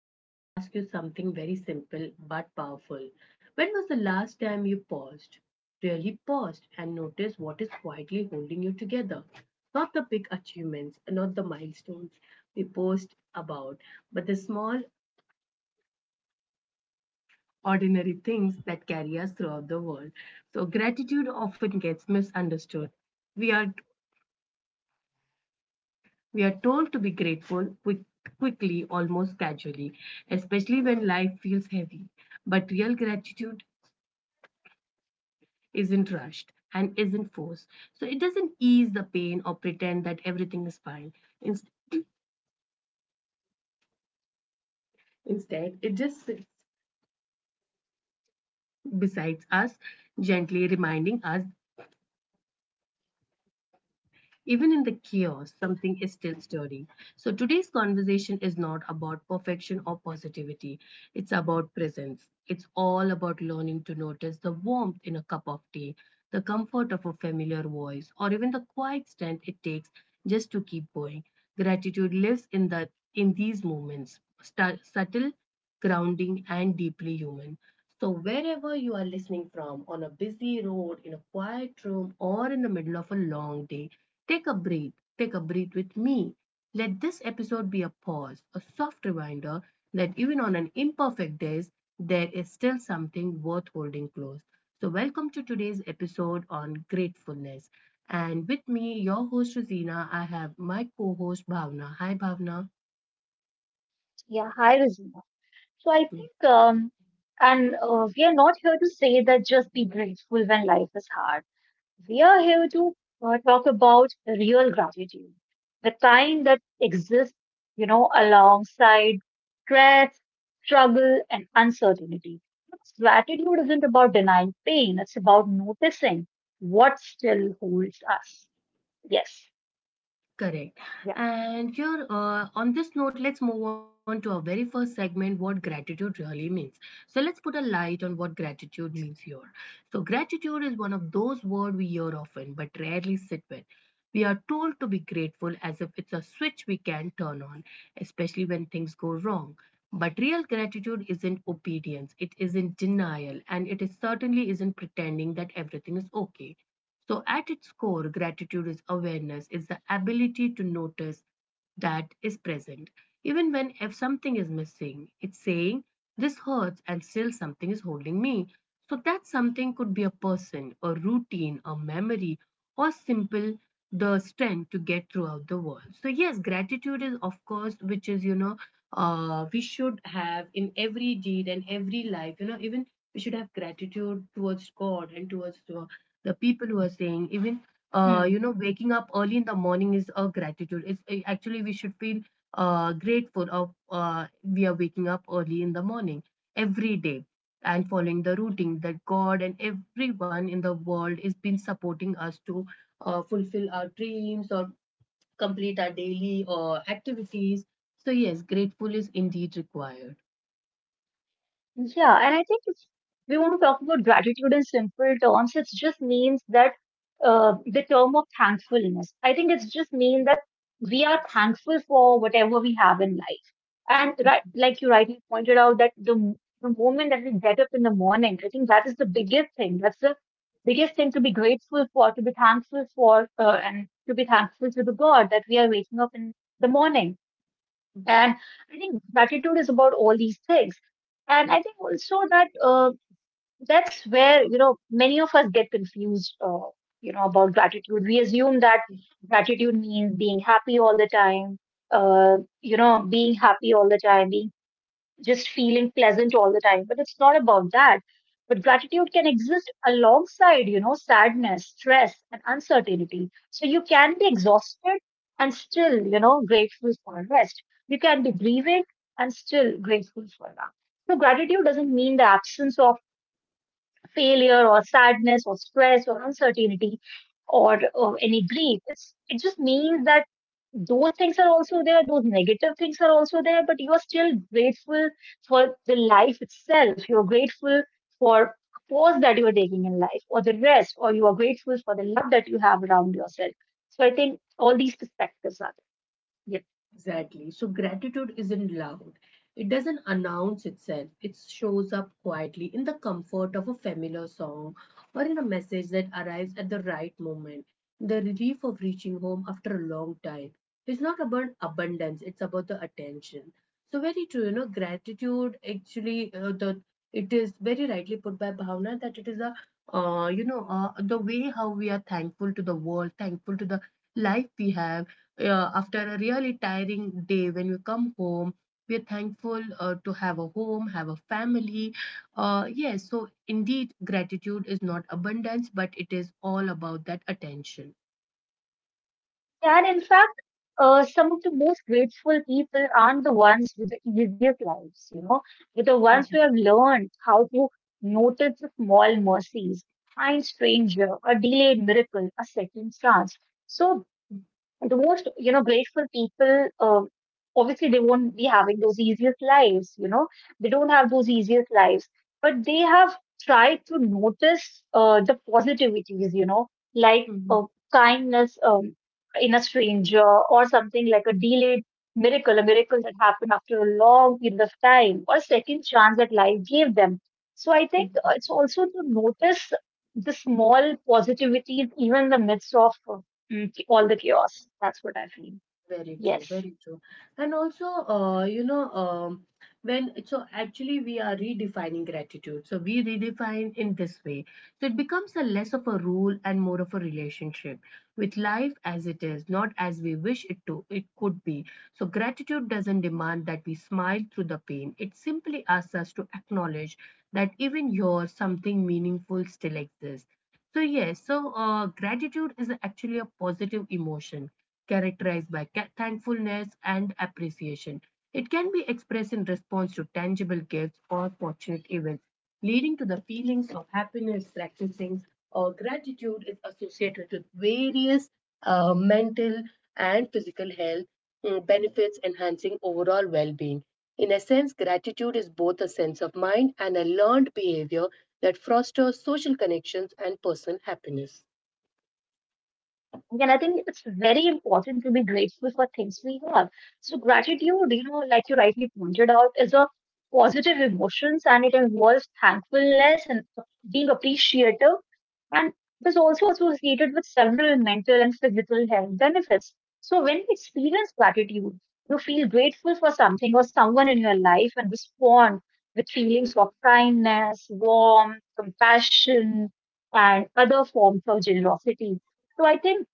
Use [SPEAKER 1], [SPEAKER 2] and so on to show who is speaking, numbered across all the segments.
[SPEAKER 1] I want to ask you something very simple but powerful. When was the last time you paused? Really paused and noticed what is quietly holding you together. Not the big achievements, not the milestones we post about, but the small, ordinary things that carry us throughout the world. So, gratitude often gets misunderstood. We are We are told to be grateful quickly, almost casually, especially when life feels heavy. But real gratitude isn't rushed and isn't forced. So it doesn't ease the pain or pretend that everything is fine. Inst- Instead, it just sits beside us, gently reminding us even in the chaos, something is still stirring. So today's conversation is not about perfection or positivity. It's about presence. It's all about learning to notice the warmth in a cup of tea, the comfort of a familiar voice, or even the quiet strength it takes just to keep going. Gratitude lives in these moments, subtle, grounding, and deeply human. So, wherever you are listening from, on a busy road, in a quiet room, or in the middle of a long day, take a breath. Take a breath with me. Let this episode be a pause, a soft reminder that even on an imperfect day, there is still something worth holding close. So, welcome to today's episode on gratefulness. And with me, your host, Rosina, I have my co host, Bhavna. Hi, Bhavna.
[SPEAKER 2] Yeah, hi, Rosina. So I think, and We are not here to say that just be grateful when life is hard. We are here to talk about real gratitude, the kind that exists, you know, alongside stress, struggle, and uncertainty. Because gratitude isn't about denying pain, it's about noticing what still holds us. Yes.
[SPEAKER 1] Correct. And here, on this note, let's move on to our very first segment, what gratitude really means. So, let's put a light on what gratitude means here. So, gratitude is one of those words we hear often but rarely sit with. We are told to be grateful as if it's a switch we can turn on, especially when things go wrong. But real gratitude isn't obedience, it isn't denial, and it is certainly isn't pretending that everything is okay. So, at its core, gratitude is awareness, it's the ability to notice that is present. Even when if something is missing, it's saying, this hurts, and still something is holding me. So, that something could be a person, a routine, a memory, or simple the strength to get throughout the world. So yes, gratitude is of course which is, we should have in every deed and every life, even we should have gratitude towards god and towards, the people who are saying, even
[SPEAKER 2] Yeah.
[SPEAKER 1] you know, waking up early in the morning is a gratitude. It's actually we should feel grateful of we are waking up early in the morning every day and following the routing that God and everyone in the world is been supporting us to fulfill our dreams or complete our daily activities. So yes, grateful is indeed required.
[SPEAKER 2] Yeah, and I think if we want to talk about gratitude in simple terms, it just means that the term of thankfulness. I think it's just mean that we are thankful for whatever we have in life. And right, like you rightly pointed out, that the moment that we get up in the morning, I think that is the biggest thing. That's the biggest thing to be grateful for, to be thankful for, and to be thankful to the God that we are waking up in the morning.
[SPEAKER 1] Mhm.
[SPEAKER 2] And I think gratitude is about all these things. And I think also that that's where, you know, many of us get confused, you know, about gratitude. We assume that gratitude means being happy all the time, you know, being happy all the time, being just feeling pleasant all the time. But it's not about that. But gratitude can exist alongside, you know, sadness, stress, and uncertainty. So you can be exhausted and still, you know, grateful for rest. You can be grieving and still grateful for that. So gratitude doesn't mean the absence of failure or sadness or stress or uncertainty or any grief. It just means that those things are also there, those negative things are also there, but you are still grateful for the life itself. You're grateful for pause that you are taking in life or the rest, or you are grateful for the love that you have around yourself. So I think all these perspectives are there. Yeah.
[SPEAKER 1] Exactly. So gratitude isn't loud. It doesn't announce itself. It shows up quietly in the comfort of a familiar song or in a message that arrives at the right moment. The relief of reaching home after a long time is not about abundance, it's about the attention. So very true, you know, gratitude actually the it is very rightly put by Bhavna that it is a, the way how we are thankful to the world, thankful to the life we have, after a really tiring day when you come home, we're thankful, to have a home, have a family, yes. So indeed gratitude is not abundance, but it is all about that attention.
[SPEAKER 2] Yeah, and in fact, some of the most grateful people aren't the ones with the easiest lives, you know, but the ones who
[SPEAKER 1] Mhm.
[SPEAKER 2] have learned how to notice the small mercies, kind stranger, a delayed miracle, a second chance. So the most, you know, grateful people, obviously, they won't be having those easiest lives, you know, they don't have those easiest lives, but they have tried to notice the positivities, you know, like
[SPEAKER 1] Mhm.
[SPEAKER 2] kindness, in a stranger, or something like a delayed miracle, a miracle that happened after a long period of time, or a second chance that life gave them. So I think
[SPEAKER 1] Mhm.
[SPEAKER 2] it's also to notice the small positivities, even in the midst of all the chaos. That's what I feel.
[SPEAKER 1] Very true,
[SPEAKER 2] Yes.
[SPEAKER 1] very true. And also, you know, when so actually we are redefining gratitude. So we redefine in this way. So it becomes a less of a rule and more of a relationship with life as it is, not as we wish it to. It could be. So, gratitude doesn't demand that we smile through the pain. It simply asks us to acknowledge that even here, something meaningful still exists. So, yes, so gratitude is actually a positive emotion characterized by thankfulness and appreciation. It can be expressed in response to tangible gifts or fortunate events leading to the feelings of happiness. Practicing gratitude is associated with various mental and physical health benefits, enhancing overall well being. In a sense, gratitude is both a sense of mind and a learned behavior that fosters social connections and personal happiness.
[SPEAKER 2] And I think it's very important to be grateful for things we have. So gratitude, you know, like you rightly pointed out, is of positive emotions and it involves thankfulness and being appreciative. And it is also associated with several mental and physical health benefits. So when you experience gratitude, you feel grateful for something or someone in your life and respond with feelings of kindness, warmth, compassion, and other forms of generosity. So I think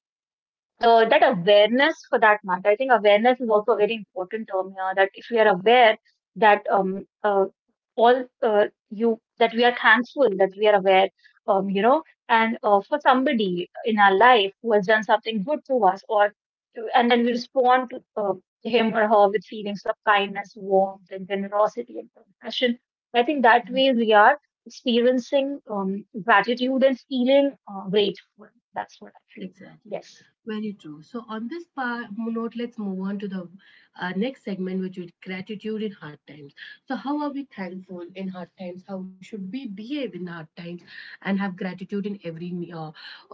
[SPEAKER 2] that awareness for that matter. I think awareness is also a very important term here. That if we are aware that all you that we are thankful, that we are aware, you know, and for somebody in our life who has done something good to us, or and then we respond to uh, him or her with feelings of kindness, warmth, and generosity and compassion. I think that way we are experiencing gratitude and feeling grateful. That's what I feel.
[SPEAKER 1] Exactly.
[SPEAKER 2] Yes.
[SPEAKER 1] Very true. So, on this part, note, let's move on to the next segment, which is gratitude in hard times. So, how are we thankful in hard times? How should we behave in hard times and have gratitude in every uh,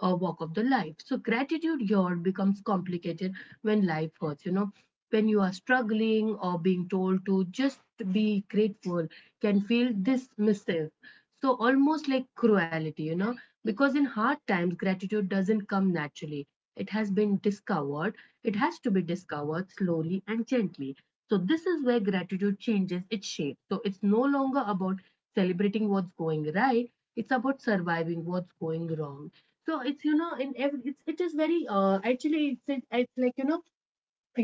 [SPEAKER 1] uh, walk of the life. So gratitude here becomes complicated when life hurts, you know. When you are struggling or being told to just be grateful can feel dismissive. So almost like cruelty, you know, because in hard times, gratitude doesn't come naturally. It has been discovered. It has to be discovered slowly and gently. So, this is where gratitude changes its shape. So, it's no longer about celebrating what's going right, it's about surviving what's going wrong. So, it's, you know, in every, it's, it is very, actually, it's like, you know,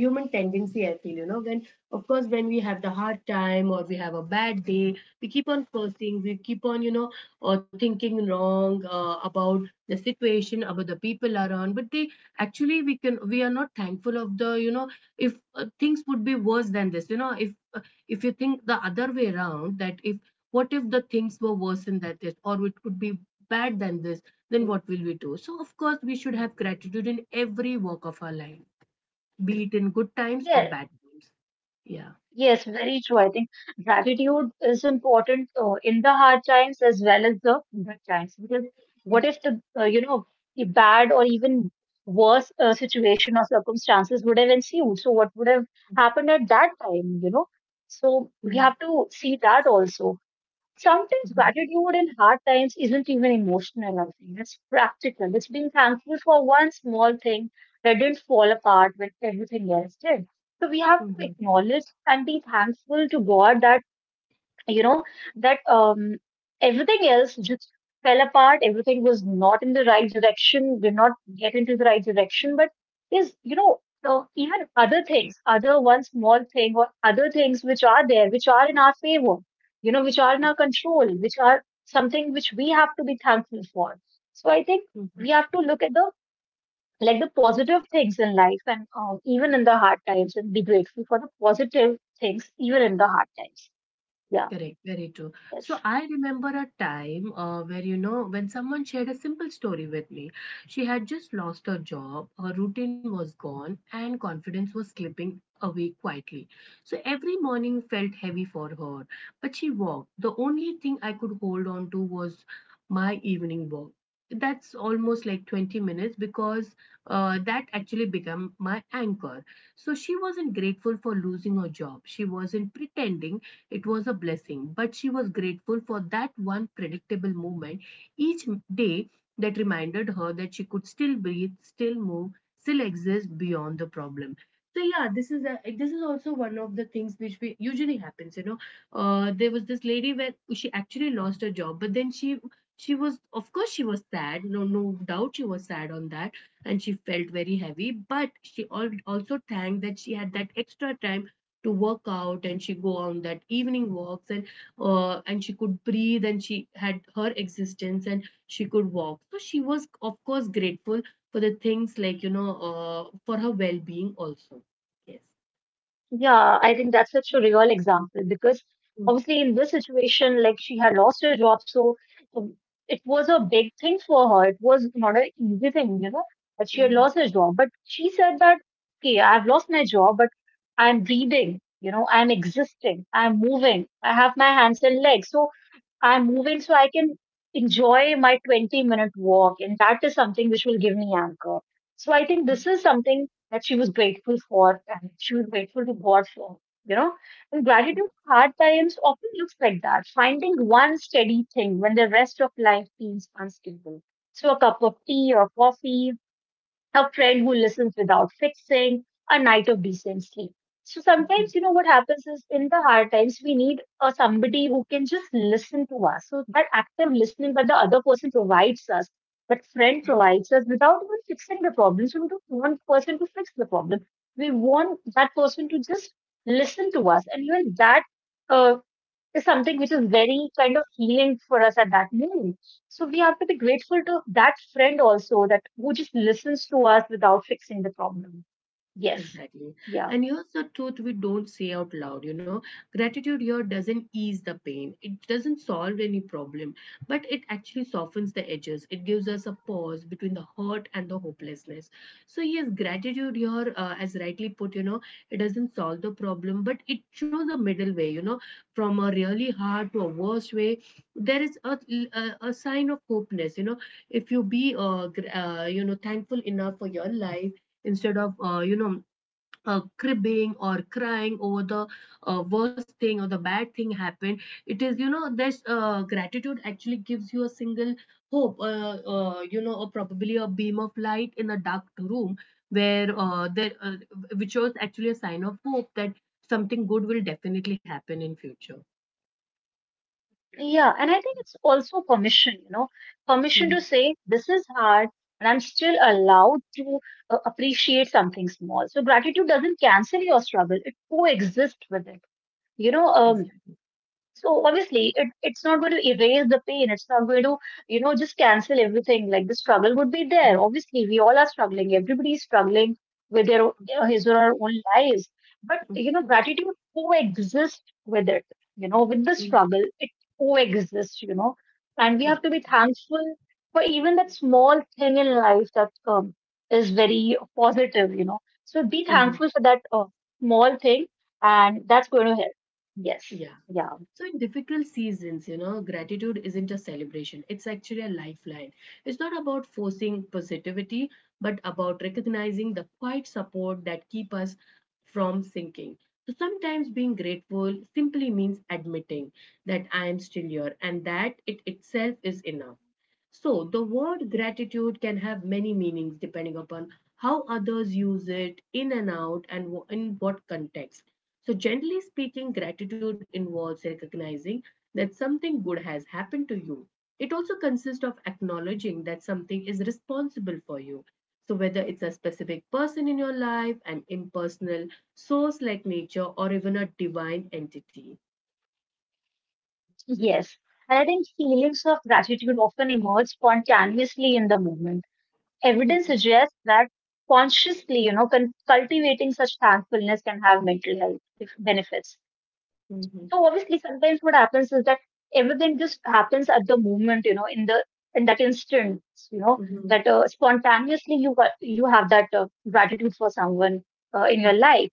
[SPEAKER 1] human tendency I feel, you know. When of course when we have the hard time or we have a bad day, we keep on cursing, we keep on, you know, or thinking wrong about the situation, about the people around. But they actually we are not thankful of the, you know, if things would be worse than this, you know. If if you think the other way around, that if what if the things were worse than that this, or it could be bad than this, then what will we do? So of course we should
[SPEAKER 2] Hmm.
[SPEAKER 1] have gratitude in every walk of our life, be it in good times or
[SPEAKER 2] Yeah,
[SPEAKER 1] bad times. Yeah.
[SPEAKER 2] yes, very true. I think gratitude is important in the hard times as well as the good times. Because what if the you know, the bad or even worse situation or circumstances would have ensued? So what would have happened at that time? You know, so we
[SPEAKER 1] Mhm,
[SPEAKER 2] have to see that also. Sometimes
[SPEAKER 1] mhm,
[SPEAKER 2] gratitude in hard times isn't even emotional, I think. It's practical. It's being thankful for one small thing that didn't fall apart when everything else did. So we have to
[SPEAKER 1] mhm,
[SPEAKER 2] acknowledge and be thankful to God that you know that everything else just fell apart, everything was not in the right direction, did not get into the right direction, but is, you know, even other things, other one small thing, or other things which are there, which are in our favor, you know, which are in our control, which are something which we have to be thankful for. So I think
[SPEAKER 1] mhm.
[SPEAKER 2] we have to look at the, like, the positive things in life, and even in the hard times, and be grateful for the positive things even in the hard times. Yeah.
[SPEAKER 1] Correct, very true. So
[SPEAKER 2] Yes.
[SPEAKER 1] I remember a time where, you know, when someone shared a simple story with me. She had just lost her job, her routine was gone, and confidence was slipping away quietly. So every morning felt heavy for her, but she walked. The only thing I could hold on to was my evening walk. That's almost like 20 minutes, because that actually became my anchor. So she wasn't grateful for losing her job. She wasn't pretending it was a blessing, but she was grateful for that one predictable moment each day that reminded her that she could still breathe, still move, still exist beyond the problem. So yeah, this is a, this is also one of the things which we, usually happens. You know, there was this lady where she actually lost her job, but then she was of course she was sad. No No doubt she was sad on that, and she felt very heavy. But she also thanked that she had that extra time to work out and she go on that evening walks and, and she could breathe and she had her existence and she could walk. So she was of course grateful for the things like, you know, for her well-being also. Yes.
[SPEAKER 2] Yeah, I think that's such a real example because obviously in this situation, like she had lost her job, so um, it was a big thing for her. It was not an easy thing, you know, that she had
[SPEAKER 1] Mhm.
[SPEAKER 2] lost her job. But she said that, okay, I've lost my job, but I'm breathing, you know, I'm existing, I'm moving, I have my hands and legs. So I'm moving so I can enjoy my 20-minute walk. And that is something which will give me anchor. So I think this is something that she was grateful for, and she was grateful to God for, you know. And gratitude hard times often looks like that, finding one steady thing when the rest of life feels unstable. So a cup of tea or coffee, a friend who listens without fixing, a night of decent sleep. So
[SPEAKER 1] Mhm.
[SPEAKER 2] sometimes, you know, what happens is in the hard times, we need somebody who can just listen to us. So that active listening that the other person provides us, that friend provides us without even fixing the problem. So we don't want person to fix the problem. We want that person to just listen to us. And even that uh, is something which is very kind of healing for us at that moment. So we have to be grateful to that friend also, that who just listens to us without fixing the problem. Yes.
[SPEAKER 1] Exactly. And
[SPEAKER 2] Yeah.
[SPEAKER 1] here's the truth we don't say out loud, you know. Gratitude here doesn't ease the pain. It doesn't solve any problem, but it actually softens the edges. It gives us a pause between the hurt and the hopelessness. So yes, gratitude here, as rightly put, you know, it doesn't solve the problem, but it shows a middle way, you know, from a really hard to a worse way. There is a sign of hopeness, you know. If you be, you know, thankful enough for your life, instead of you know, cribbing or crying over the worst thing or the bad thing happened, it is, you know, this, gratitude actually gives you a single hope, you know, or probably a beam of light in a dark room where, there which was actually a sign of hope that something good will definitely happen in future.
[SPEAKER 2] Yeah. And I think it's also permission, you know, permission
[SPEAKER 1] Mhm.
[SPEAKER 2] to say this is hard and I'm still allowed to appreciate something small. So gratitude doesn't cancel your struggle. It coexists with it. You know,
[SPEAKER 1] Exactly.
[SPEAKER 2] so obviously, it's not going to erase the pain. It's not going to, you know, just cancel everything. Like the struggle would be there.
[SPEAKER 1] Mhm.
[SPEAKER 2] Obviously, we all are struggling. Everybody is struggling with his or her own lives. But
[SPEAKER 1] Mhm.
[SPEAKER 2] you know, gratitude coexists with it. You know, with the
[SPEAKER 1] Mhm.
[SPEAKER 2] struggle, it coexists. You know, and we have to be
[SPEAKER 1] Exactly.
[SPEAKER 2] thankful for even that small thing in life that is very positive. You know, so be
[SPEAKER 1] Mhm.
[SPEAKER 2] thankful for that small thing, and that's going to help. Yes.
[SPEAKER 1] Yeah.
[SPEAKER 2] Yeah.
[SPEAKER 1] So, in difficult seasons, you know, gratitude isn't a celebration, it's actually a lifeline. It's not about forcing positivity, but about recognizing the quiet support that keep us from sinking. So, sometimes being grateful simply means admitting that I am still here and that it itself is enough. So, the word gratitude can have many meanings depending upon how others use it, in and out, and in what context. So, generally speaking, gratitude involves recognizing that something good has happened to you. It also consists of acknowledging that something is responsible for you. So, whether it's a specific person in your life, an impersonal source like nature, or even a divine entity.
[SPEAKER 2] Yes, and I think feelings of gratitude often emerge spontaneously in the moment.
[SPEAKER 1] Mhm,
[SPEAKER 2] Evidence suggests that consciously, you know, cultivating such thankfulness can have mental health benefits.
[SPEAKER 1] mhm,
[SPEAKER 2] So obviously, sometimes what happens is that everything just happens at the moment, you know, in the in that instant, you know,
[SPEAKER 1] mhm,
[SPEAKER 2] that spontaneously you have that gratitude for someone in your life.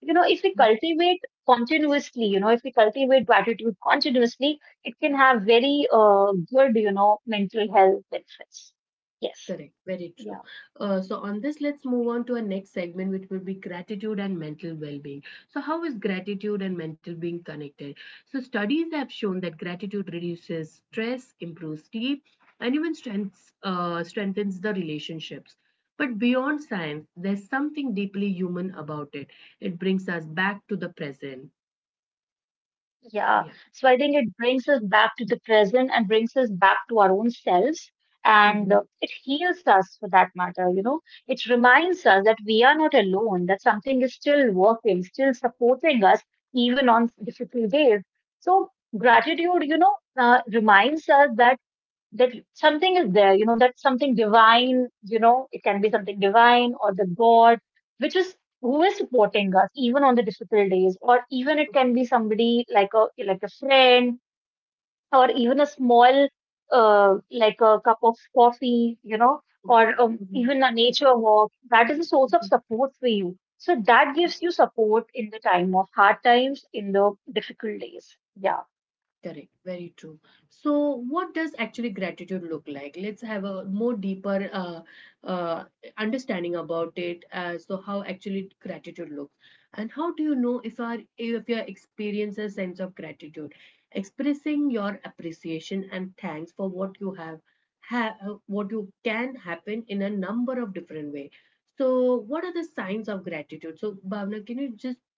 [SPEAKER 2] You know, if we cultivate continuously, you know, if we cultivate gratitude continuously, it can have very good, you know, mental health benefits. Yes.
[SPEAKER 1] correct, very true.
[SPEAKER 2] Yeah.
[SPEAKER 1] So, on this, let's move on to our next segment, which will be gratitude and mental well being. So, how is gratitude and mental being connected? So, studies have shown that gratitude reduces stress, improves sleep, and even strengths, strengthens the relationships. But beyond science, there's something deeply human about it. It brings us back to the present. Yeah.
[SPEAKER 2] Yeah. So I think it brings us back to the present and brings us back to our own selves. And
[SPEAKER 1] Mhm.
[SPEAKER 2] it heals us for that matter, you know. It reminds us that we are not alone, that something is still working, still supporting us, even on difficult days. So gratitude, you know, reminds us that that something is there, you know, that something divine, you know, it can be something divine or the God, which is, who is supporting us even on the difficult days, or even it can be somebody like a friend, or even a small like a cup of coffee, you know, or
[SPEAKER 1] Mhm.
[SPEAKER 2] even a nature walk. That is a source of support for you. So that gives you support in the time of hard times, in the difficult days. Yeah.
[SPEAKER 1] Correct, very true. So, what does actually gratitude look like? Let's have a more deeper uh, understanding about it. So, how actually gratitude looks, and how do you know if your experience a sense of gratitude, expressing your appreciation and thanks for what you have, what you can happen in a number of different way. So, what are the signs of gratitude? So, Bhavna, can you just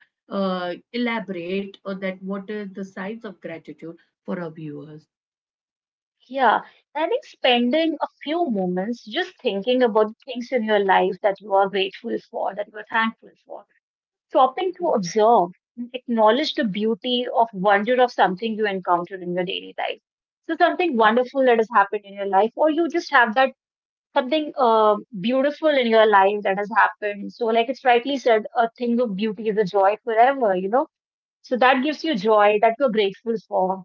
[SPEAKER 1] elaborate on that what are the signs of gratitude for our viewers?
[SPEAKER 2] Yeah, I think spending a few moments just thinking about the things in your life that you are grateful for, that you are thankful for. Stopping to
[SPEAKER 1] Mhm.
[SPEAKER 2] observe, acknowledge the beauty of wonder of something you encounter in your daily life. So something wonderful that has happened in your life, or you just have that something beautiful in your life that has happened. So like it's rightly said, a thing of beauty is a joy forever, you know. So that gives you joy that you're grateful for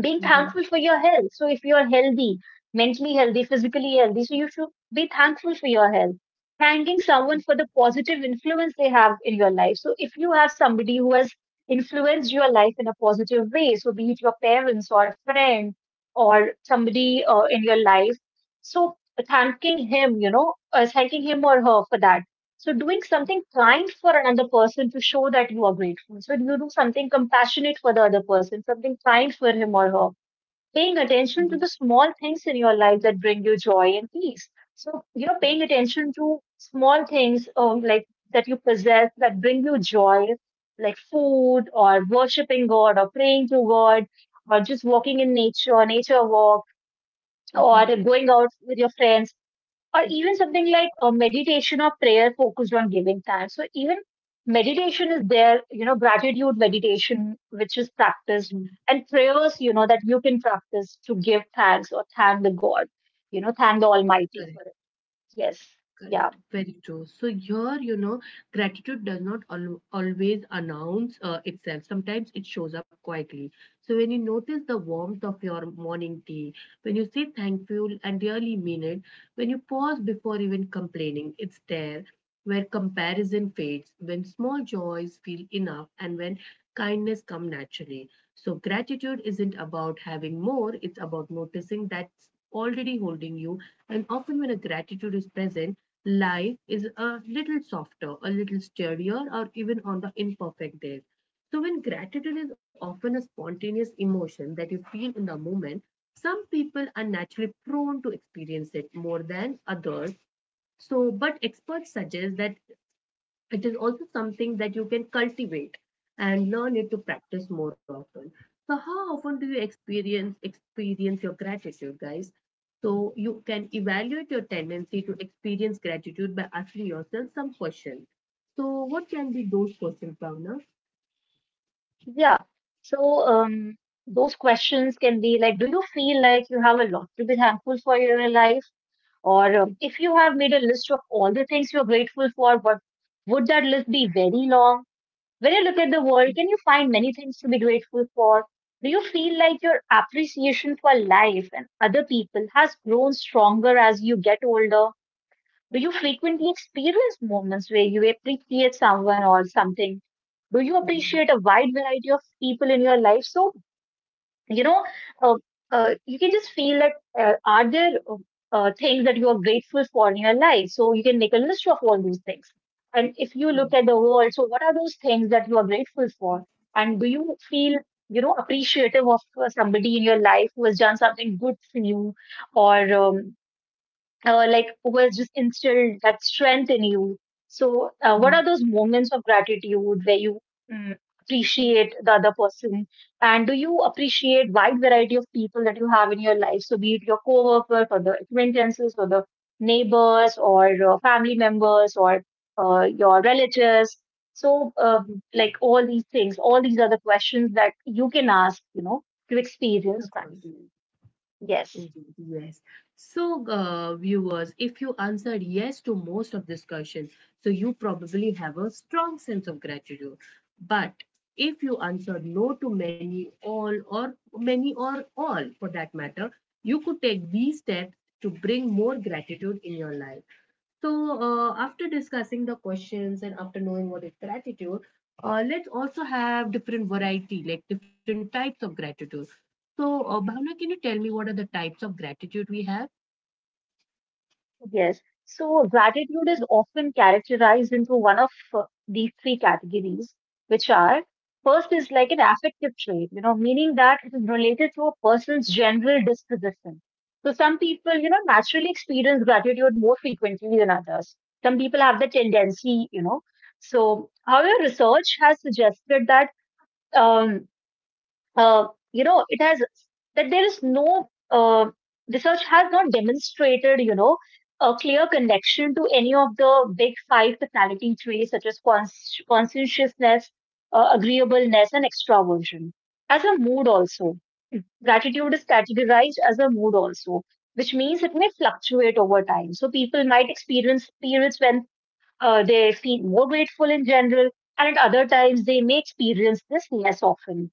[SPEAKER 2] being thankful
[SPEAKER 1] Mhm.
[SPEAKER 2] for your health. So if you're healthy, mentally healthy, physically healthy, so you should be thankful for your health. Thanking someone for the positive influence they have in your life. So if you have somebody who has influenced your life in a positive way, so be it your parents or a friend or somebody in your life, so thanking him or her for that. So doing something kind for another person to show that you are grateful. So you do something compassionate for the other person, something kind for him or her. Paying attention to the
[SPEAKER 1] Mhm.
[SPEAKER 2] small things in your life that bring you joy and peace. So paying attention to small things like that you possess that bring you joy, like food or worshiping God or praying to God or just walking in nature, nature walk, or
[SPEAKER 1] Mhm.
[SPEAKER 2] going out with your friends, or even something like a meditation or prayer focused on giving thanks. So even meditation is there, gratitude meditation, which is
[SPEAKER 1] Mhm.
[SPEAKER 2] practiced, and prayers, that you can practice to give thanks or thank the God, thank the Almighty
[SPEAKER 1] Correct.
[SPEAKER 2] for it. Yes. Yeah.
[SPEAKER 1] Correct. Very true. So here, you know, gratitude does not al- always announce itself. Sometimes it shows up quietly. So when you notice the warmth of your morning tea, when you say thankful and really mean it, when you pause before even complaining, it's there where comparison fades, when small joys feel enough, and when kindness come naturally. So gratitude isn't about having more; it's about noticing that already holding you. And often, when a gratitude is present, life is a little softer, a little sturdier, or even on the imperfect days. So, when gratitude is often a spontaneous emotion that you feel in the moment, some people are naturally prone to experience it more than others. So, but experts suggest that it is also something that you can cultivate and learn it to practice more often, so how often do you experience your gratitude guys, so you can evaluate your tendency to experience gratitude by asking yourself some questions, so what can be those questions, Bhavna?
[SPEAKER 2] Yeah. So those questions can be like, do you feel like you have a lot to be thankful for in your life? Or if you have made a list of all the things you're grateful for, what would that list be very long? When you look at the world, can you find many things to be grateful for? Do you feel like your appreciation for life and other people has grown stronger as you get older? Do you frequently experience moments where you appreciate someone or something? Do you
[SPEAKER 1] Mhm.
[SPEAKER 2] appreciate a wide variety of people in your life? So you know uh, you can just feel that are there things that you are grateful for in your life, so you can make a list of all those things, and if you look at the world, so what are those things that you are grateful for, and do you feel appreciative of somebody in your life who has done something good for you, or like was just instilled that strength in you. So, what
[SPEAKER 1] Mhm.
[SPEAKER 2] are those moments of gratitude where you mm, appreciate the other person, and do you appreciate wide variety of people that you have in your life? So, be it your coworker, or the acquaintances, or the neighbors, or family members, or your relatives. So,
[SPEAKER 1] Mhm.
[SPEAKER 2] like all these things, all these are the questions that you can ask, to
[SPEAKER 1] Of
[SPEAKER 2] experience
[SPEAKER 1] course.
[SPEAKER 2] gratitude. Yes.
[SPEAKER 1] Indeed, yes. So, viewers, if you answered yes to most of this question, so you probably have a strong sense of gratitude. But if you answered no to many, all, or many, or all for that matter, you could take these steps to bring more gratitude in your life. So, after discussing the questions and after knowing what is gratitude, let's also have different variety, like different types of gratitude. So, Bhavna, can you tell me what are the types of gratitude we have?
[SPEAKER 2] Yes. So gratitude is often characterized into one of these three categories, which are: first is like an affective trait, you know, meaning that it is related to a person's general disposition. So some people, you know, naturally experience gratitude more frequently than others. Some people have the tendency, you know. So, however, research has suggested that um, uh, it has that there is no research has not demonstrated, you know, a clear connection to any of the big five personality traits such as conscientiousness, agreeableness, and extraversion. As a mood, also, gratitude is categorized as a mood, also, which means it may fluctuate over time. So people might experience periods when they feel more grateful in general, and at other times they may experience this less often.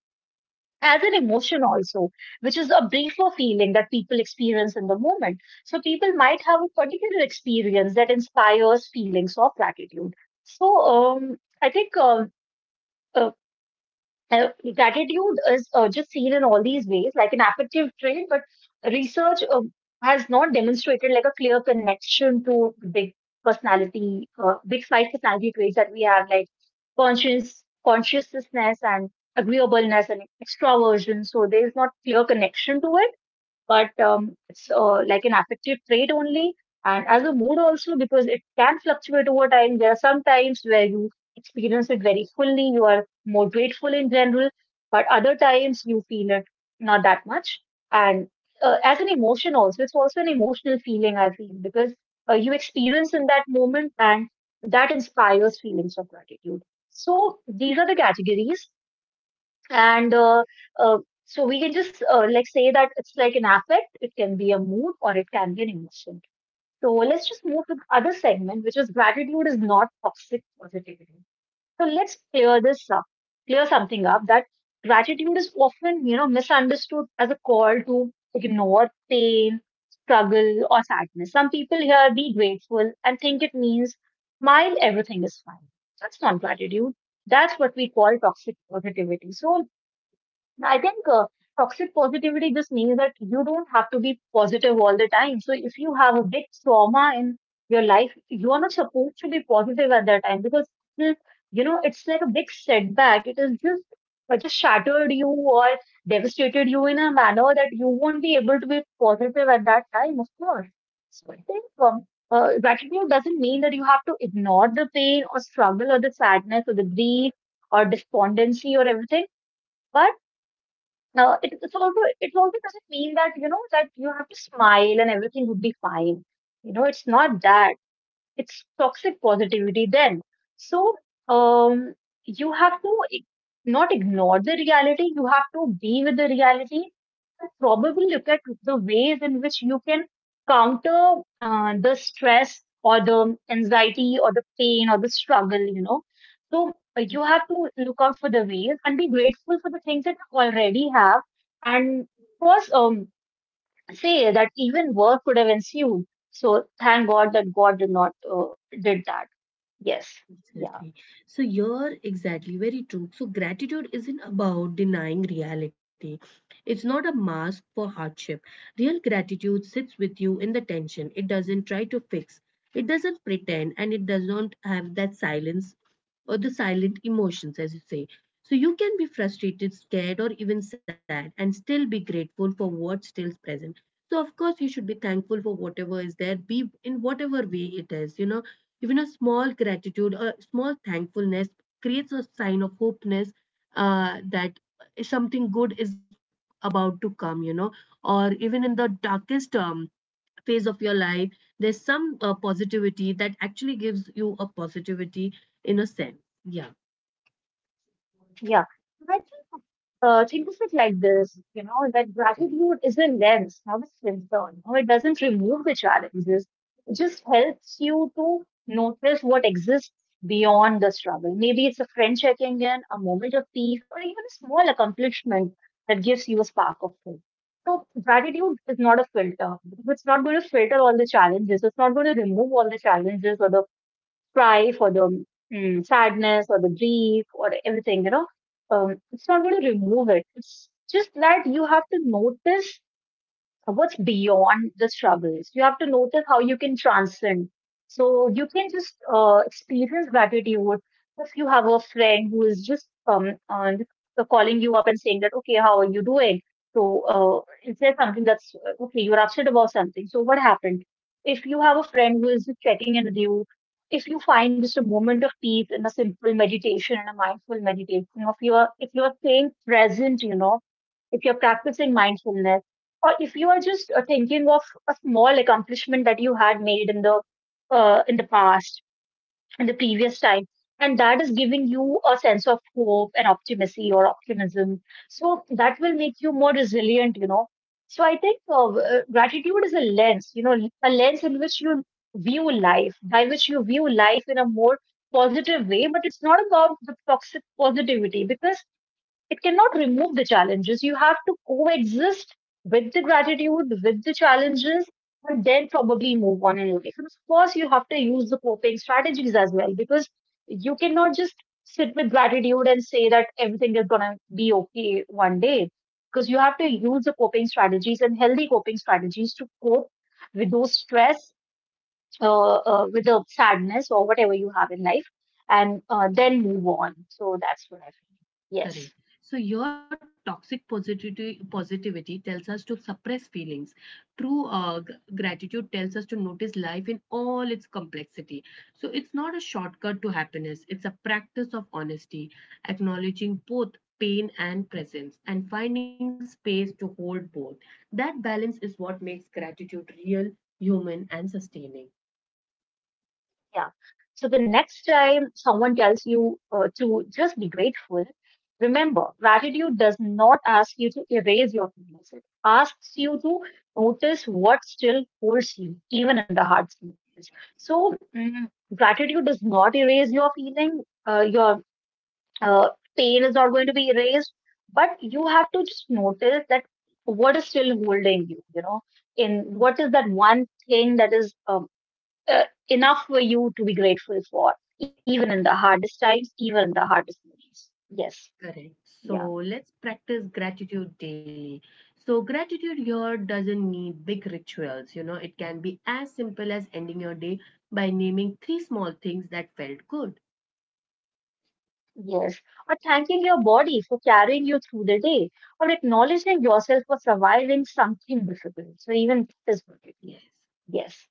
[SPEAKER 2] As an emotion also, which is a briefer feeling that people experience in the moment. So people might have a particular experience that inspires feelings of gratitude. So I think uh, uh, gratitude is just seen in all these ways, like an affective trait, but research has not demonstrated like a clear connection to big five personality traits that we have, like consciousness and agreeableness and extraversion. So there is not clear connection to it, but it's like an affective trait only. And as a mood also, because it can fluctuate over time. There are some times where you experience it very fully, you are more grateful in general, but other times you feel it not that much. And as an emotion also, it's also an emotional feeling, I feel, because you experience in that moment and that inspires feelings of gratitude. So these are the categories, and uh, so we can just like say that it's like an affect, it can be a mood, or it can be an emotion. So let's just move to the other segment, which is gratitude is not toxic positivity. So let's clear this up, clear something up, that gratitude is often, you know, misunderstood as a call to ignore pain, struggle, or sadness. Some people hear be grateful and think it means smile, everything is fine. That's not gratitude. That's what we call toxic positivity. So I think toxic positivity just means that you don't have to be positive all the time. So if you have a big trauma in your life, you are not supposed to be positive at that time, because it's, you know, it's like a big setback. It is just, it just shattered you or devastated you in a manner that you won't be able to be positive at that time, of course. So I think gratitude doesn't mean that you have to ignore the pain or struggle or the sadness or the grief or despondency or everything. But it also doesn't mean that, you know, that you have to smile and everything would be fine. You know, it's not that. It's toxic positivity then. So um, you have to not ignore the reality. You have to be with the reality and probably look at the ways in which you can counter the stress or the anxiety or the pain or the struggle, you know. So you have to look out for the ways and be grateful for the things that you already have. And of course, say that even war could have ensued. So thank God that God did not did that. Yes. Yeah.
[SPEAKER 1] Exactly. So you're exactly very true. So gratitude isn't about denying reality. It's not a mask for hardship. Real gratitude sits with you in the tension. It doesn't try to fix. It doesn't pretend and it does not have that silence or the silent emotions, as you say. So you can be frustrated, scared, or even sad and still be grateful for what's still present. So, of course, you should be thankful for whatever is there, be in whatever way it is. You know, even a small gratitude or small thankfulness creates a sign of hopeness that something good is about to come, you know, or even in the darkest phase of your life there's some positivity that actually gives you a positivity in a sense, yeah.
[SPEAKER 2] Yeah, and I think of it like this, you know, that gratitude is a lens, not a filter. No, it doesn't remove the challenges. It just helps you to notice what exists beyond the struggle. Maybe it's a friend checking in, a moment of peace, or even a small accomplishment that gives you a spark of hope. So gratitude is not a filter, because it's not going to filter all the challenges. It's not going to remove all the challenges, or the cry for the sadness or the grief or everything, you know. It's not going to remove it. It's just that you have to notice what's beyond the struggles. You have to notice how you can transcend. So you can just experience gratitude if you have a friend who is just on, calling you up and saying that, okay, how are you doing? So it says something that's okay. You're upset about something. So what happened? If you have a friend who is just checking in with you, if you find just a moment of peace in a simple meditation and a mindful meditation, if you are staying present, you know, if you're practicing mindfulness, or if you are just thinking of a small accomplishment that you had made in the in the past, in the previous time, and that is giving you a sense of hope and optimacy or optimism, so that will make you more resilient, you know. So I think gratitude is a lens, you know, a lens in which you view life, by which you view life in a more positive way, but it's not about the toxic positivity, because it cannot remove the challenges. You have to coexist with the gratitude, with the challenges, and then probably move on in life. And of course, you have to use the coping strategies as well, because you cannot just sit with gratitude and say that everything is going to be okay one day, because you have to use the coping strategies and healthy coping strategies to cope with those stress, with the sadness or whatever you have in life, and then move on. So that's what I feel. Yes.
[SPEAKER 1] Correct. So your toxic positivity tells us to suppress feelings. True, gratitude tells us to notice life in all its complexity. So it's not a shortcut to happiness. It's a practice of honesty, acknowledging both pain and presence, and finding space to hold both. That balance is what makes gratitude real, human, and sustaining.
[SPEAKER 2] Yeah. So the next time someone tells you to just be grateful, remember, gratitude does not ask you to erase your feelings. It asks you to notice what still holds you, even in the hard spaces. So gratitude does not erase your feeling. Your uh, pain is not going to be erased, but you have to just notice that what is still holding you. You know, in what is that one thing that is uh, enough for you to be grateful for, even in the hardest times, even in the hardest moments. Yes,
[SPEAKER 1] Correct. So
[SPEAKER 2] yeah,
[SPEAKER 1] let's practice gratitude daily. So, gratitude here doesn't need big rituals. You know, it can be as simple as ending your day by naming three small things that felt good.
[SPEAKER 2] yes. Or thanking your body for carrying you through the day, or acknowledging yourself for surviving something difficult. So, even physical
[SPEAKER 1] Yes.
[SPEAKER 2] difficulty. Yes,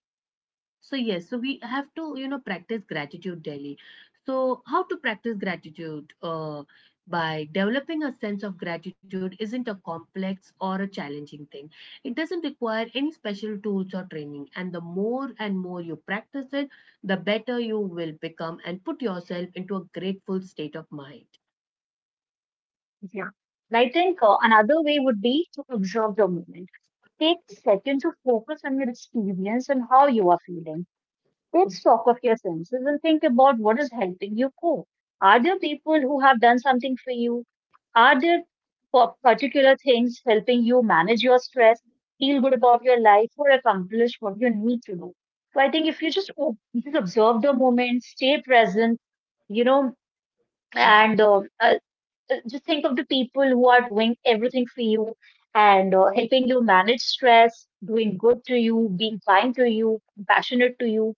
[SPEAKER 1] So yes, so we have to, you know, practice gratitude daily. So how to practice gratitude? By developing a sense of gratitude isn't a complex or a challenging thing. It doesn't require any special tools or training. And the more and more you practice it, the better you will become and put yourself into a grateful state of mind.
[SPEAKER 2] yeah. And I think another way would be to observe the moment. Take a second to focus on your experience and how you are feeling. Take stock of your senses and think about what is helping you cope. Are there people who have done something for you? Are there particular things helping you manage your stress, feel good about your life, or accomplish what you need to do? So I think if you just, just observe the moment, stay present, you know, and just think of the people who are doing everything for you and helping you manage stress, doing good to you, being kind to you, compassionate to you,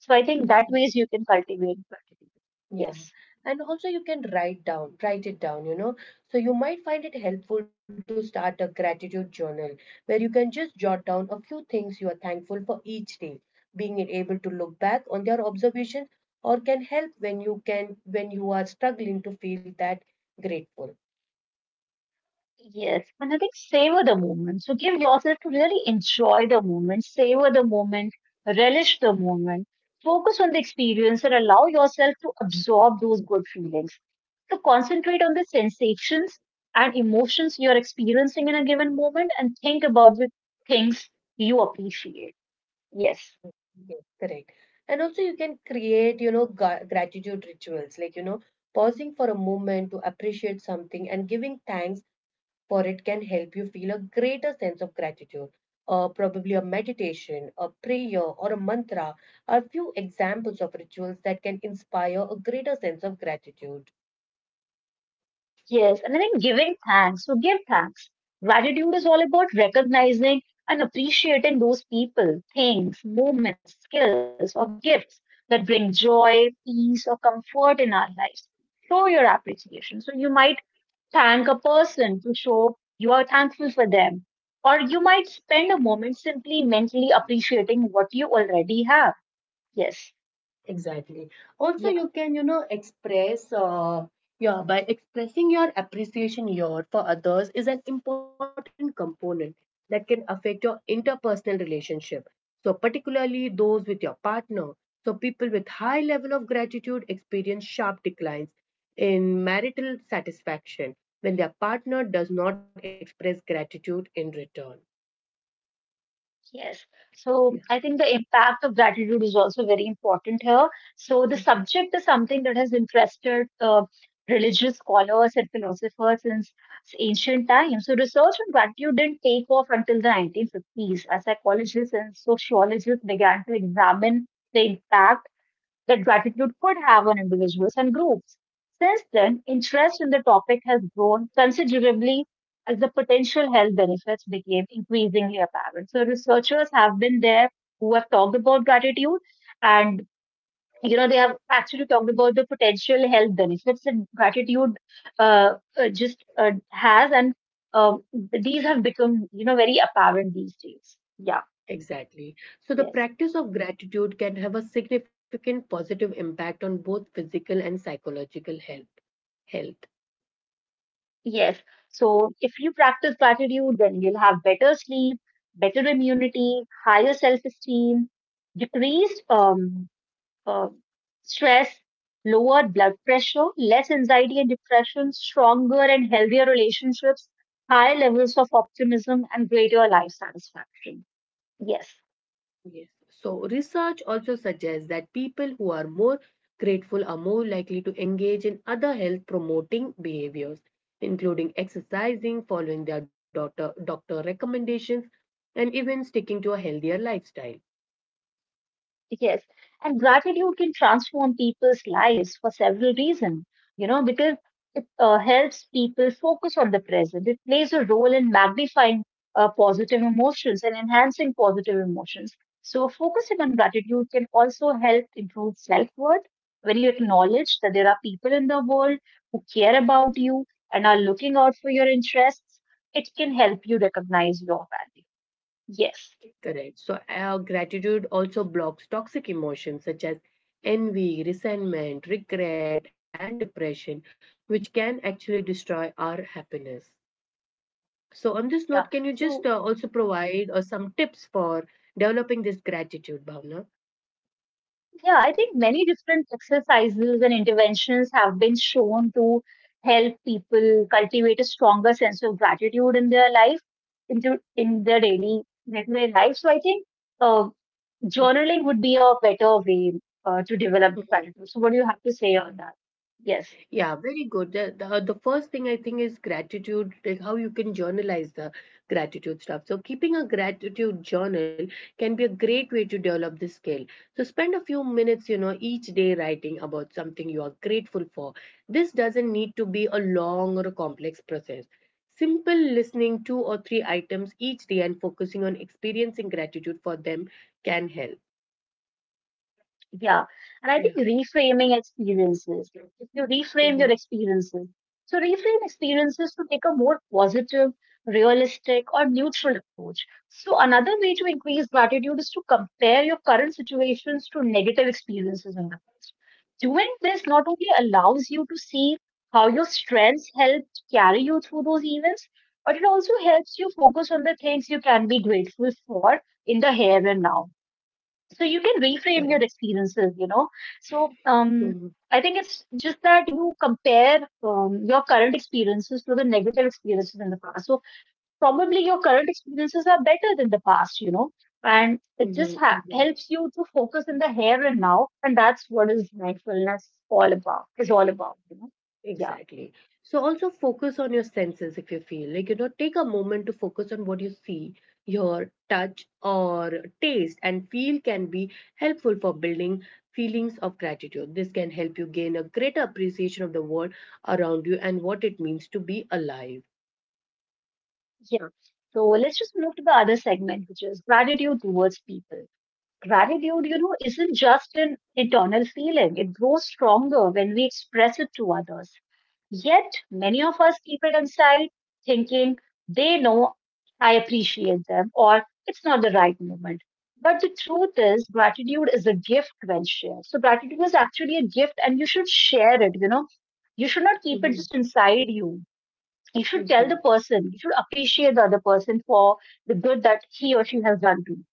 [SPEAKER 2] so I think that ways you can cultivate gratitude.
[SPEAKER 1] Yeah,
[SPEAKER 2] Yes.
[SPEAKER 1] and also you can write down, write it down, you know. So you might find it helpful to start a gratitude journal where you can just jot down a few things you are thankful for each day. Being able to look back on their observation or can help when you can when you are struggling to feel that grateful.
[SPEAKER 2] Yes. And I think savor the moment. So give yourself to really enjoy the moment, savor the moment, relish the moment, focus on the experience and allow yourself to absorb those good feelings. So concentrate on the sensations and emotions you're experiencing in a given moment and think about the things you appreciate. Yes.
[SPEAKER 1] Yes, correct. And also, you can create, you know, gratitude rituals like, you know, pausing for a moment to appreciate something and giving thanks for it can help you feel a greater sense of gratitude. Probably a meditation, a prayer, or a mantra are few examples of rituals that can inspire a greater sense of gratitude.
[SPEAKER 2] Yes, and I think giving thanks. So give thanks. Gratitude is all about recognizing and appreciating those people, things, moments, skills, or gifts that bring joy, peace, or comfort in our lives. Show your appreciation. So you might thank a person to show you are thankful for them, or you might spend a moment simply mentally appreciating what you already have. Yes.
[SPEAKER 1] Exactly. Also, you can, you know, express, yeah, by expressing your appreciation your for others is an important component that can affect your interpersonal relationship. So, particularly those with your partner. So, people with high level of gratitude experience sharp declines in marital satisfaction when their partner does not express gratitude in return.
[SPEAKER 2] Yes. So I think the impact of gratitude is also very important here. So the
[SPEAKER 1] Yeah.
[SPEAKER 2] subject is something that has interested religious scholars and philosophers since ancient times. So research on gratitude didn't take off until the 1950s, as psychologists and sociologists began to examine the impact that gratitude could have on individuals and groups. Since then, interest in the topic has grown considerably as the potential health benefits became increasingly apparent. So researchers have been there who have talked about gratitude and, you know, they have actually talked about the potential health benefits that gratitude just has, and um, these have become, you know, very apparent these days. Yeah,
[SPEAKER 1] Exactly. So, the
[SPEAKER 2] yes.
[SPEAKER 1] practice of gratitude can have a significant positive impact on both physical and psychological health.
[SPEAKER 2] Yes. So if you practice gratitude, then you'll have better sleep, better immunity, higher self-esteem, decreased uh, stress, lower blood pressure, less anxiety and depression, stronger and healthier relationships, higher levels of optimism, and greater life satisfaction. Yes.
[SPEAKER 1] Yes. So, research also suggests that people who are more grateful are more likely to engage in other health promoting behaviors, including exercising, following their doctor recommendations, and even sticking to a healthier lifestyle.
[SPEAKER 2] Yes, and gratitude can transform people's lives for several reasons, you know, because it helps people focus on the present. It plays a role in magnifying positive emotions and enhancing positive emotions. So, focusing on gratitude can also help improve self-worth when you acknowledge that there are people in the world who care about you and are looking out for your interests. It can help you recognize your value. Yes.
[SPEAKER 1] Correct. So, gratitude also blocks toxic emotions such as envy, resentment, regret, and depression, which can actually destroy our happiness. So, on this note, can you just
[SPEAKER 2] Yeah.
[SPEAKER 1] also
[SPEAKER 2] So,
[SPEAKER 1] provide some tips for developing this gratitude, Bhavna?
[SPEAKER 2] yeah, I think many different exercises and interventions have been shown to help people cultivate a stronger sense of gratitude in their life, into in their daily regular life. So I think uh, journaling would be a better way to develop
[SPEAKER 1] Mhm.
[SPEAKER 2] gratitude. So what do you have to say on that? Yes.
[SPEAKER 1] Yeah, very good. The first thing I think is gratitude, like how you can journalize the gratitude stuff. So, keeping a gratitude journal can be a great way to develop this skill. So, spend a few minutes, you know, each day writing about something you are grateful for. This doesn't need to be a long or a complex process. Simple listening two or three items each day and focusing on experiencing gratitude for them can help.
[SPEAKER 2] Yeah. And I think
[SPEAKER 1] Yeah,
[SPEAKER 2] reframing experiences, if you reframe your
[SPEAKER 1] hmm,
[SPEAKER 2] experiences, so reframe experiences to take a more positive, realistic, or neutral approach. So another way to increase gratitude is to compare your current situations to negative experiences in the past. Doing this not only allows you to see how your strengths helped carry you through those events, but it also helps you focus on the things you can be grateful for in the here and now, so you can
[SPEAKER 1] correct.
[SPEAKER 2] reframe your experiences, you know. So
[SPEAKER 1] Hmm.
[SPEAKER 2] I think it's just that you compare your current experiences to the negative experiences in the past, so probably your current experiences are better than the past, you know, and it just
[SPEAKER 1] Hmm.
[SPEAKER 2] helps you to focus in the here and now, and that's what is mindfulness all about, is all about, you know. Yeah,
[SPEAKER 1] Exactly. So also focus on your senses if you feel like, you know, take a moment to focus on what you see, your touch or taste and feel can be helpful for building feelings of gratitude. This can help you gain a greater appreciation of the world around you and what it means to be alive.
[SPEAKER 2] yeah. So let's just move to the other segment, which is gratitude towards people. Gratitude, you know, isn't just an internal feeling, it grows stronger when we express it to others. Yet, many of us keep it inside, thinking they know I appreciate them or it's not the right moment. But the truth is, gratitude is a gift when shared. So, gratitude is actually a gift and you should share it, you know. You should not keep it
[SPEAKER 1] Mhm.
[SPEAKER 2] just inside you. You should tell the
[SPEAKER 1] Mhm.
[SPEAKER 2] person, you should appreciate the other person for the good that he or she has done to you.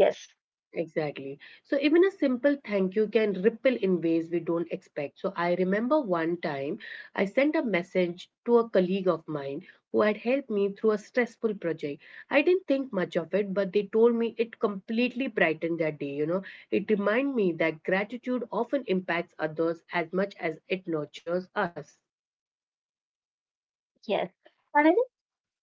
[SPEAKER 2] Yes,
[SPEAKER 1] Exactly. So even a simple thank you can ripple in ways we don't expect. So I remember one time I sent a message to a colleague of mine who had helped me through a stressful project. I didn't think much of it. But they told me it completely brightened their day, you know. It reminded me that gratitude often impacts others as much as it nurtures us.
[SPEAKER 2] yes. And I—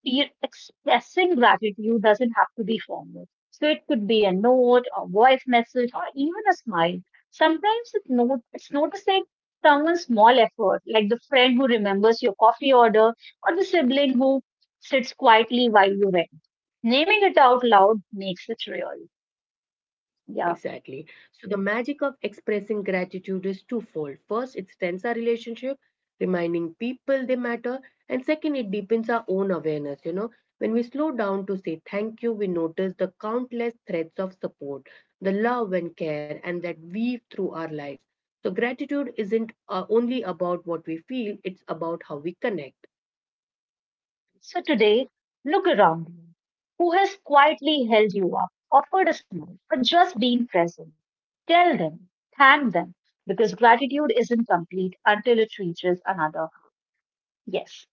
[SPEAKER 2] your expressing gratitude doesn't have to be formal. So it could be a note, a voice message, or even a smile. Sometimes it's, not, it's noticing someone's small effort, like the friend who remembers your coffee order or the sibling who sits quietly while you wait. Naming it out loud makes it real. Yeah.
[SPEAKER 1] Exactly. So the magic of expressing gratitude is twofold. First, it strengthens our relationship, reminding people they matter, and second, it deepens our own awareness. You know, when we slow down to say thank you, we notice the countless threads of support, the love and care, and that weave through our lives. So gratitude isn't only about what we feel; it's about how we connect.
[SPEAKER 2] So today, look around you. Who has quietly held you up, offered a smile, or just been present? Tell them, thank them, because gratitude isn't complete until it reaches another. Yes,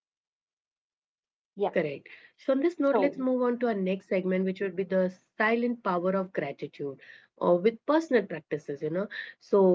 [SPEAKER 2] yeah.
[SPEAKER 1] Correct. So, on this note,
[SPEAKER 2] So,
[SPEAKER 1] let's move on to our next segment, which would be the silent power of gratitude or with personal practices, you know. So,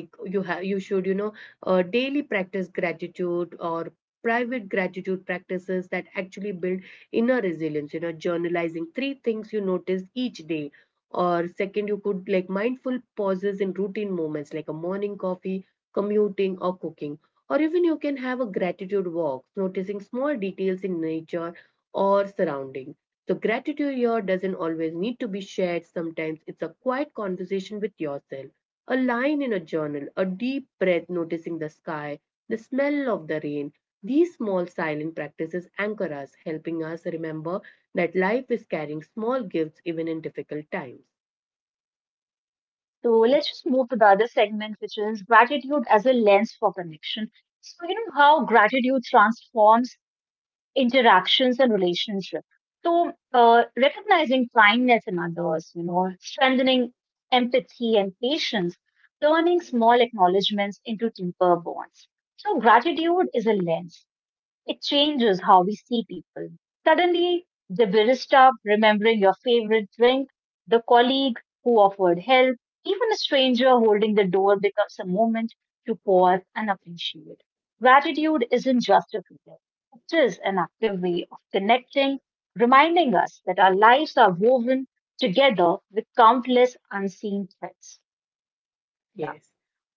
[SPEAKER 1] like you have, you should, you know, daily practice gratitude or private gratitude practices that actually build inner resilience, you know, journalizing three things you notice each day. Or second, you could like mindful pauses in routine moments like a morning coffee, commuting, or cooking, or even you can have a gratitude walk, noticing small details in nature or surrounding. So gratitude here doesn't always need to be shared. Sometimes it's a quiet conversation with yourself, a line in a journal, a deep breath noticing the sky, the smell of the rain. These small silent practices anchor us, helping us remember that life is carrying small gifts even in difficult times.
[SPEAKER 2] so let's just move to the other segment, which is gratitude as a lens for connection. So you know how gratitude transforms interactions and relationships. So, recognizing kindness in others, you know, strengthening empathy and patience, turning small acknowledgements into deeper bonds. So, gratitude is a lens. It changes how we see people. Suddenly, the barista remembering your favorite drink, the colleague who offered help, even a stranger holding the door becomes a moment to pause and appreciate. Gratitude isn't just a feeling, it is an active way of connecting, reminding us that our lives are woven together with countless unseen threads. Yeah,
[SPEAKER 1] Yes.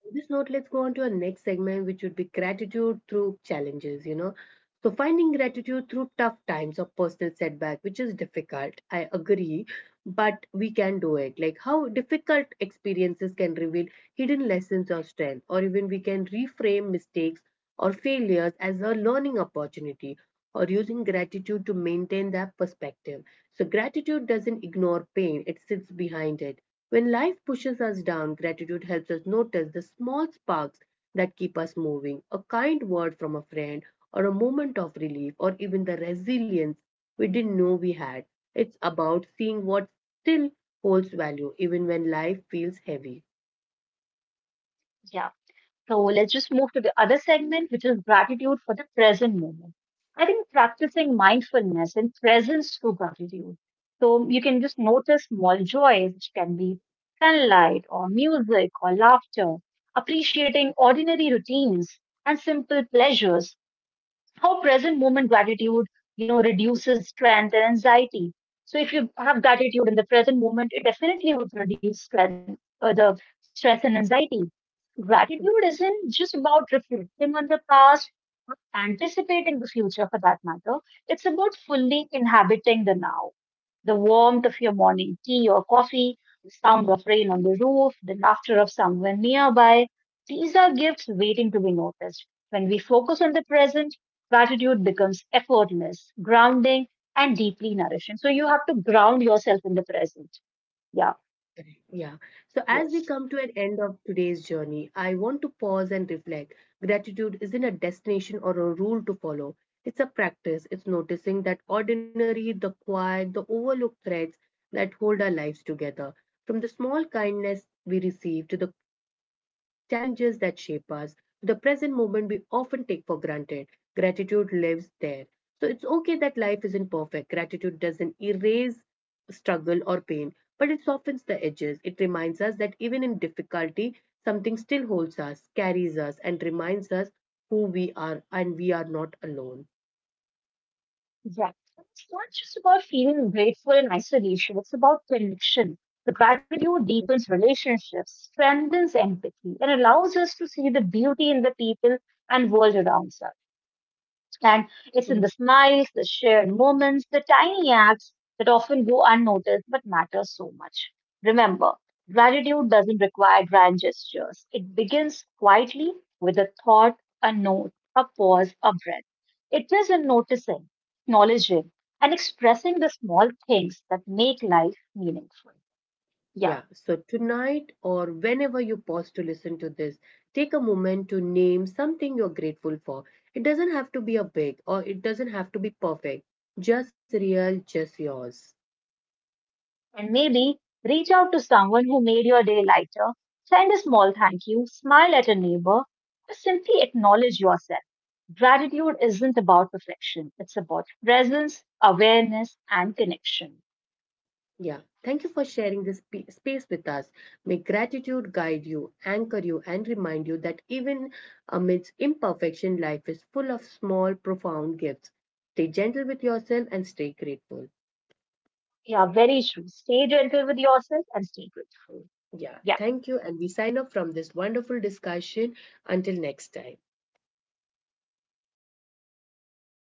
[SPEAKER 1] On this note, let's go on to our next segment, which would be gratitude through challenges, you know. So finding gratitude through tough times or personal setback, which is difficult, I agree, but we can do it. Like how difficult experiences can reveal hidden lessons or strength, or even we can reframe mistakes or failures as a learning opportunity or using gratitude to maintain that perspective. So, gratitude doesn't ignore pain, it sits behind it. When life pushes us down, gratitude helps us notice the small sparks that keep us moving a kind word from a friend, or a moment of relief, or even the resilience we didn't know we had. It's about seeing what still holds value, even when life feels heavy.
[SPEAKER 2] yeah. So let's just move to the other segment, which is gratitude for the present moment. I think practicing mindfulness and presence through gratitude. So you can just notice small joys, which can be sunlight or music or laughter, appreciating ordinary routines and simple pleasures. How present moment gratitude, you know, reduces strength and anxiety. So if you have gratitude in the present moment, it definitely would reduce strength, the stress and anxiety. Gratitude isn't just about reflecting on the past or anticipating the future for that matter. It's about fully inhabiting the now. The warmth of your morning tea or coffee, the sound of rain on the roof, the laughter of someone nearby. These are gifts waiting to be noticed. When we focus on the present, gratitude becomes effortless, grounding, and deeply nourishing. So you have to ground yourself in the present. Yeah,
[SPEAKER 1] Yeah. So as we
[SPEAKER 2] yes.
[SPEAKER 1] come to an end of today's journey, I want to pause and reflect. Gratitude isn't a destination or a rule to follow. It's a practice. It's noticing that ordinary, the quiet, the overlooked threads that hold our lives together. From the small kindness we receive to the challenges that shape us, to the present moment we often take for granted, gratitude lives there. So it's okay that life isn't perfect. Gratitude doesn't erase struggle or pain, but it softens the edges. It reminds us that even in difficulty, something still holds us, carries us, and reminds us who we are and we are not alone.
[SPEAKER 2] Yeah. It's not just about feeling grateful in isolation, it's about connection. The gratitude deepens relationships, strengthens empathy, and allows us to see the beauty in the people and world around us. And it's in the
[SPEAKER 1] Mhm.
[SPEAKER 2] smiles, the shared moments, the tiny acts that often go unnoticed but matter so much. Remember, gratitude doesn't require grand gestures. It begins quietly with a thought, a note, a pause, a breath. It is in noticing, acknowledging, and expressing the small things that make life meaningful. Yeah.
[SPEAKER 1] Yeah, so tonight or whenever you pause to listen to this, take a moment to name something you're grateful for. It doesn't have to be a big or it doesn't have to be perfect, just real, just yours.
[SPEAKER 2] And maybe reach out to someone who made your day lighter, send a small thank you, smile at a neighbor, or simply acknowledge yourself. Gratitude isn't about perfection, it's about presence, awareness, and connection.
[SPEAKER 1] Yeah. Thank you for sharing this space with us. May gratitude guide you, anchor you, and remind you that even amidst imperfection, life is full of small, profound gifts. Stay gentle with yourself and stay grateful.
[SPEAKER 2] Yeah, very true. Stay gentle with yourself and stay grateful.
[SPEAKER 1] Yeah.
[SPEAKER 2] Yeah.
[SPEAKER 1] Thank you. And we sign off from this wonderful discussion. Until next time.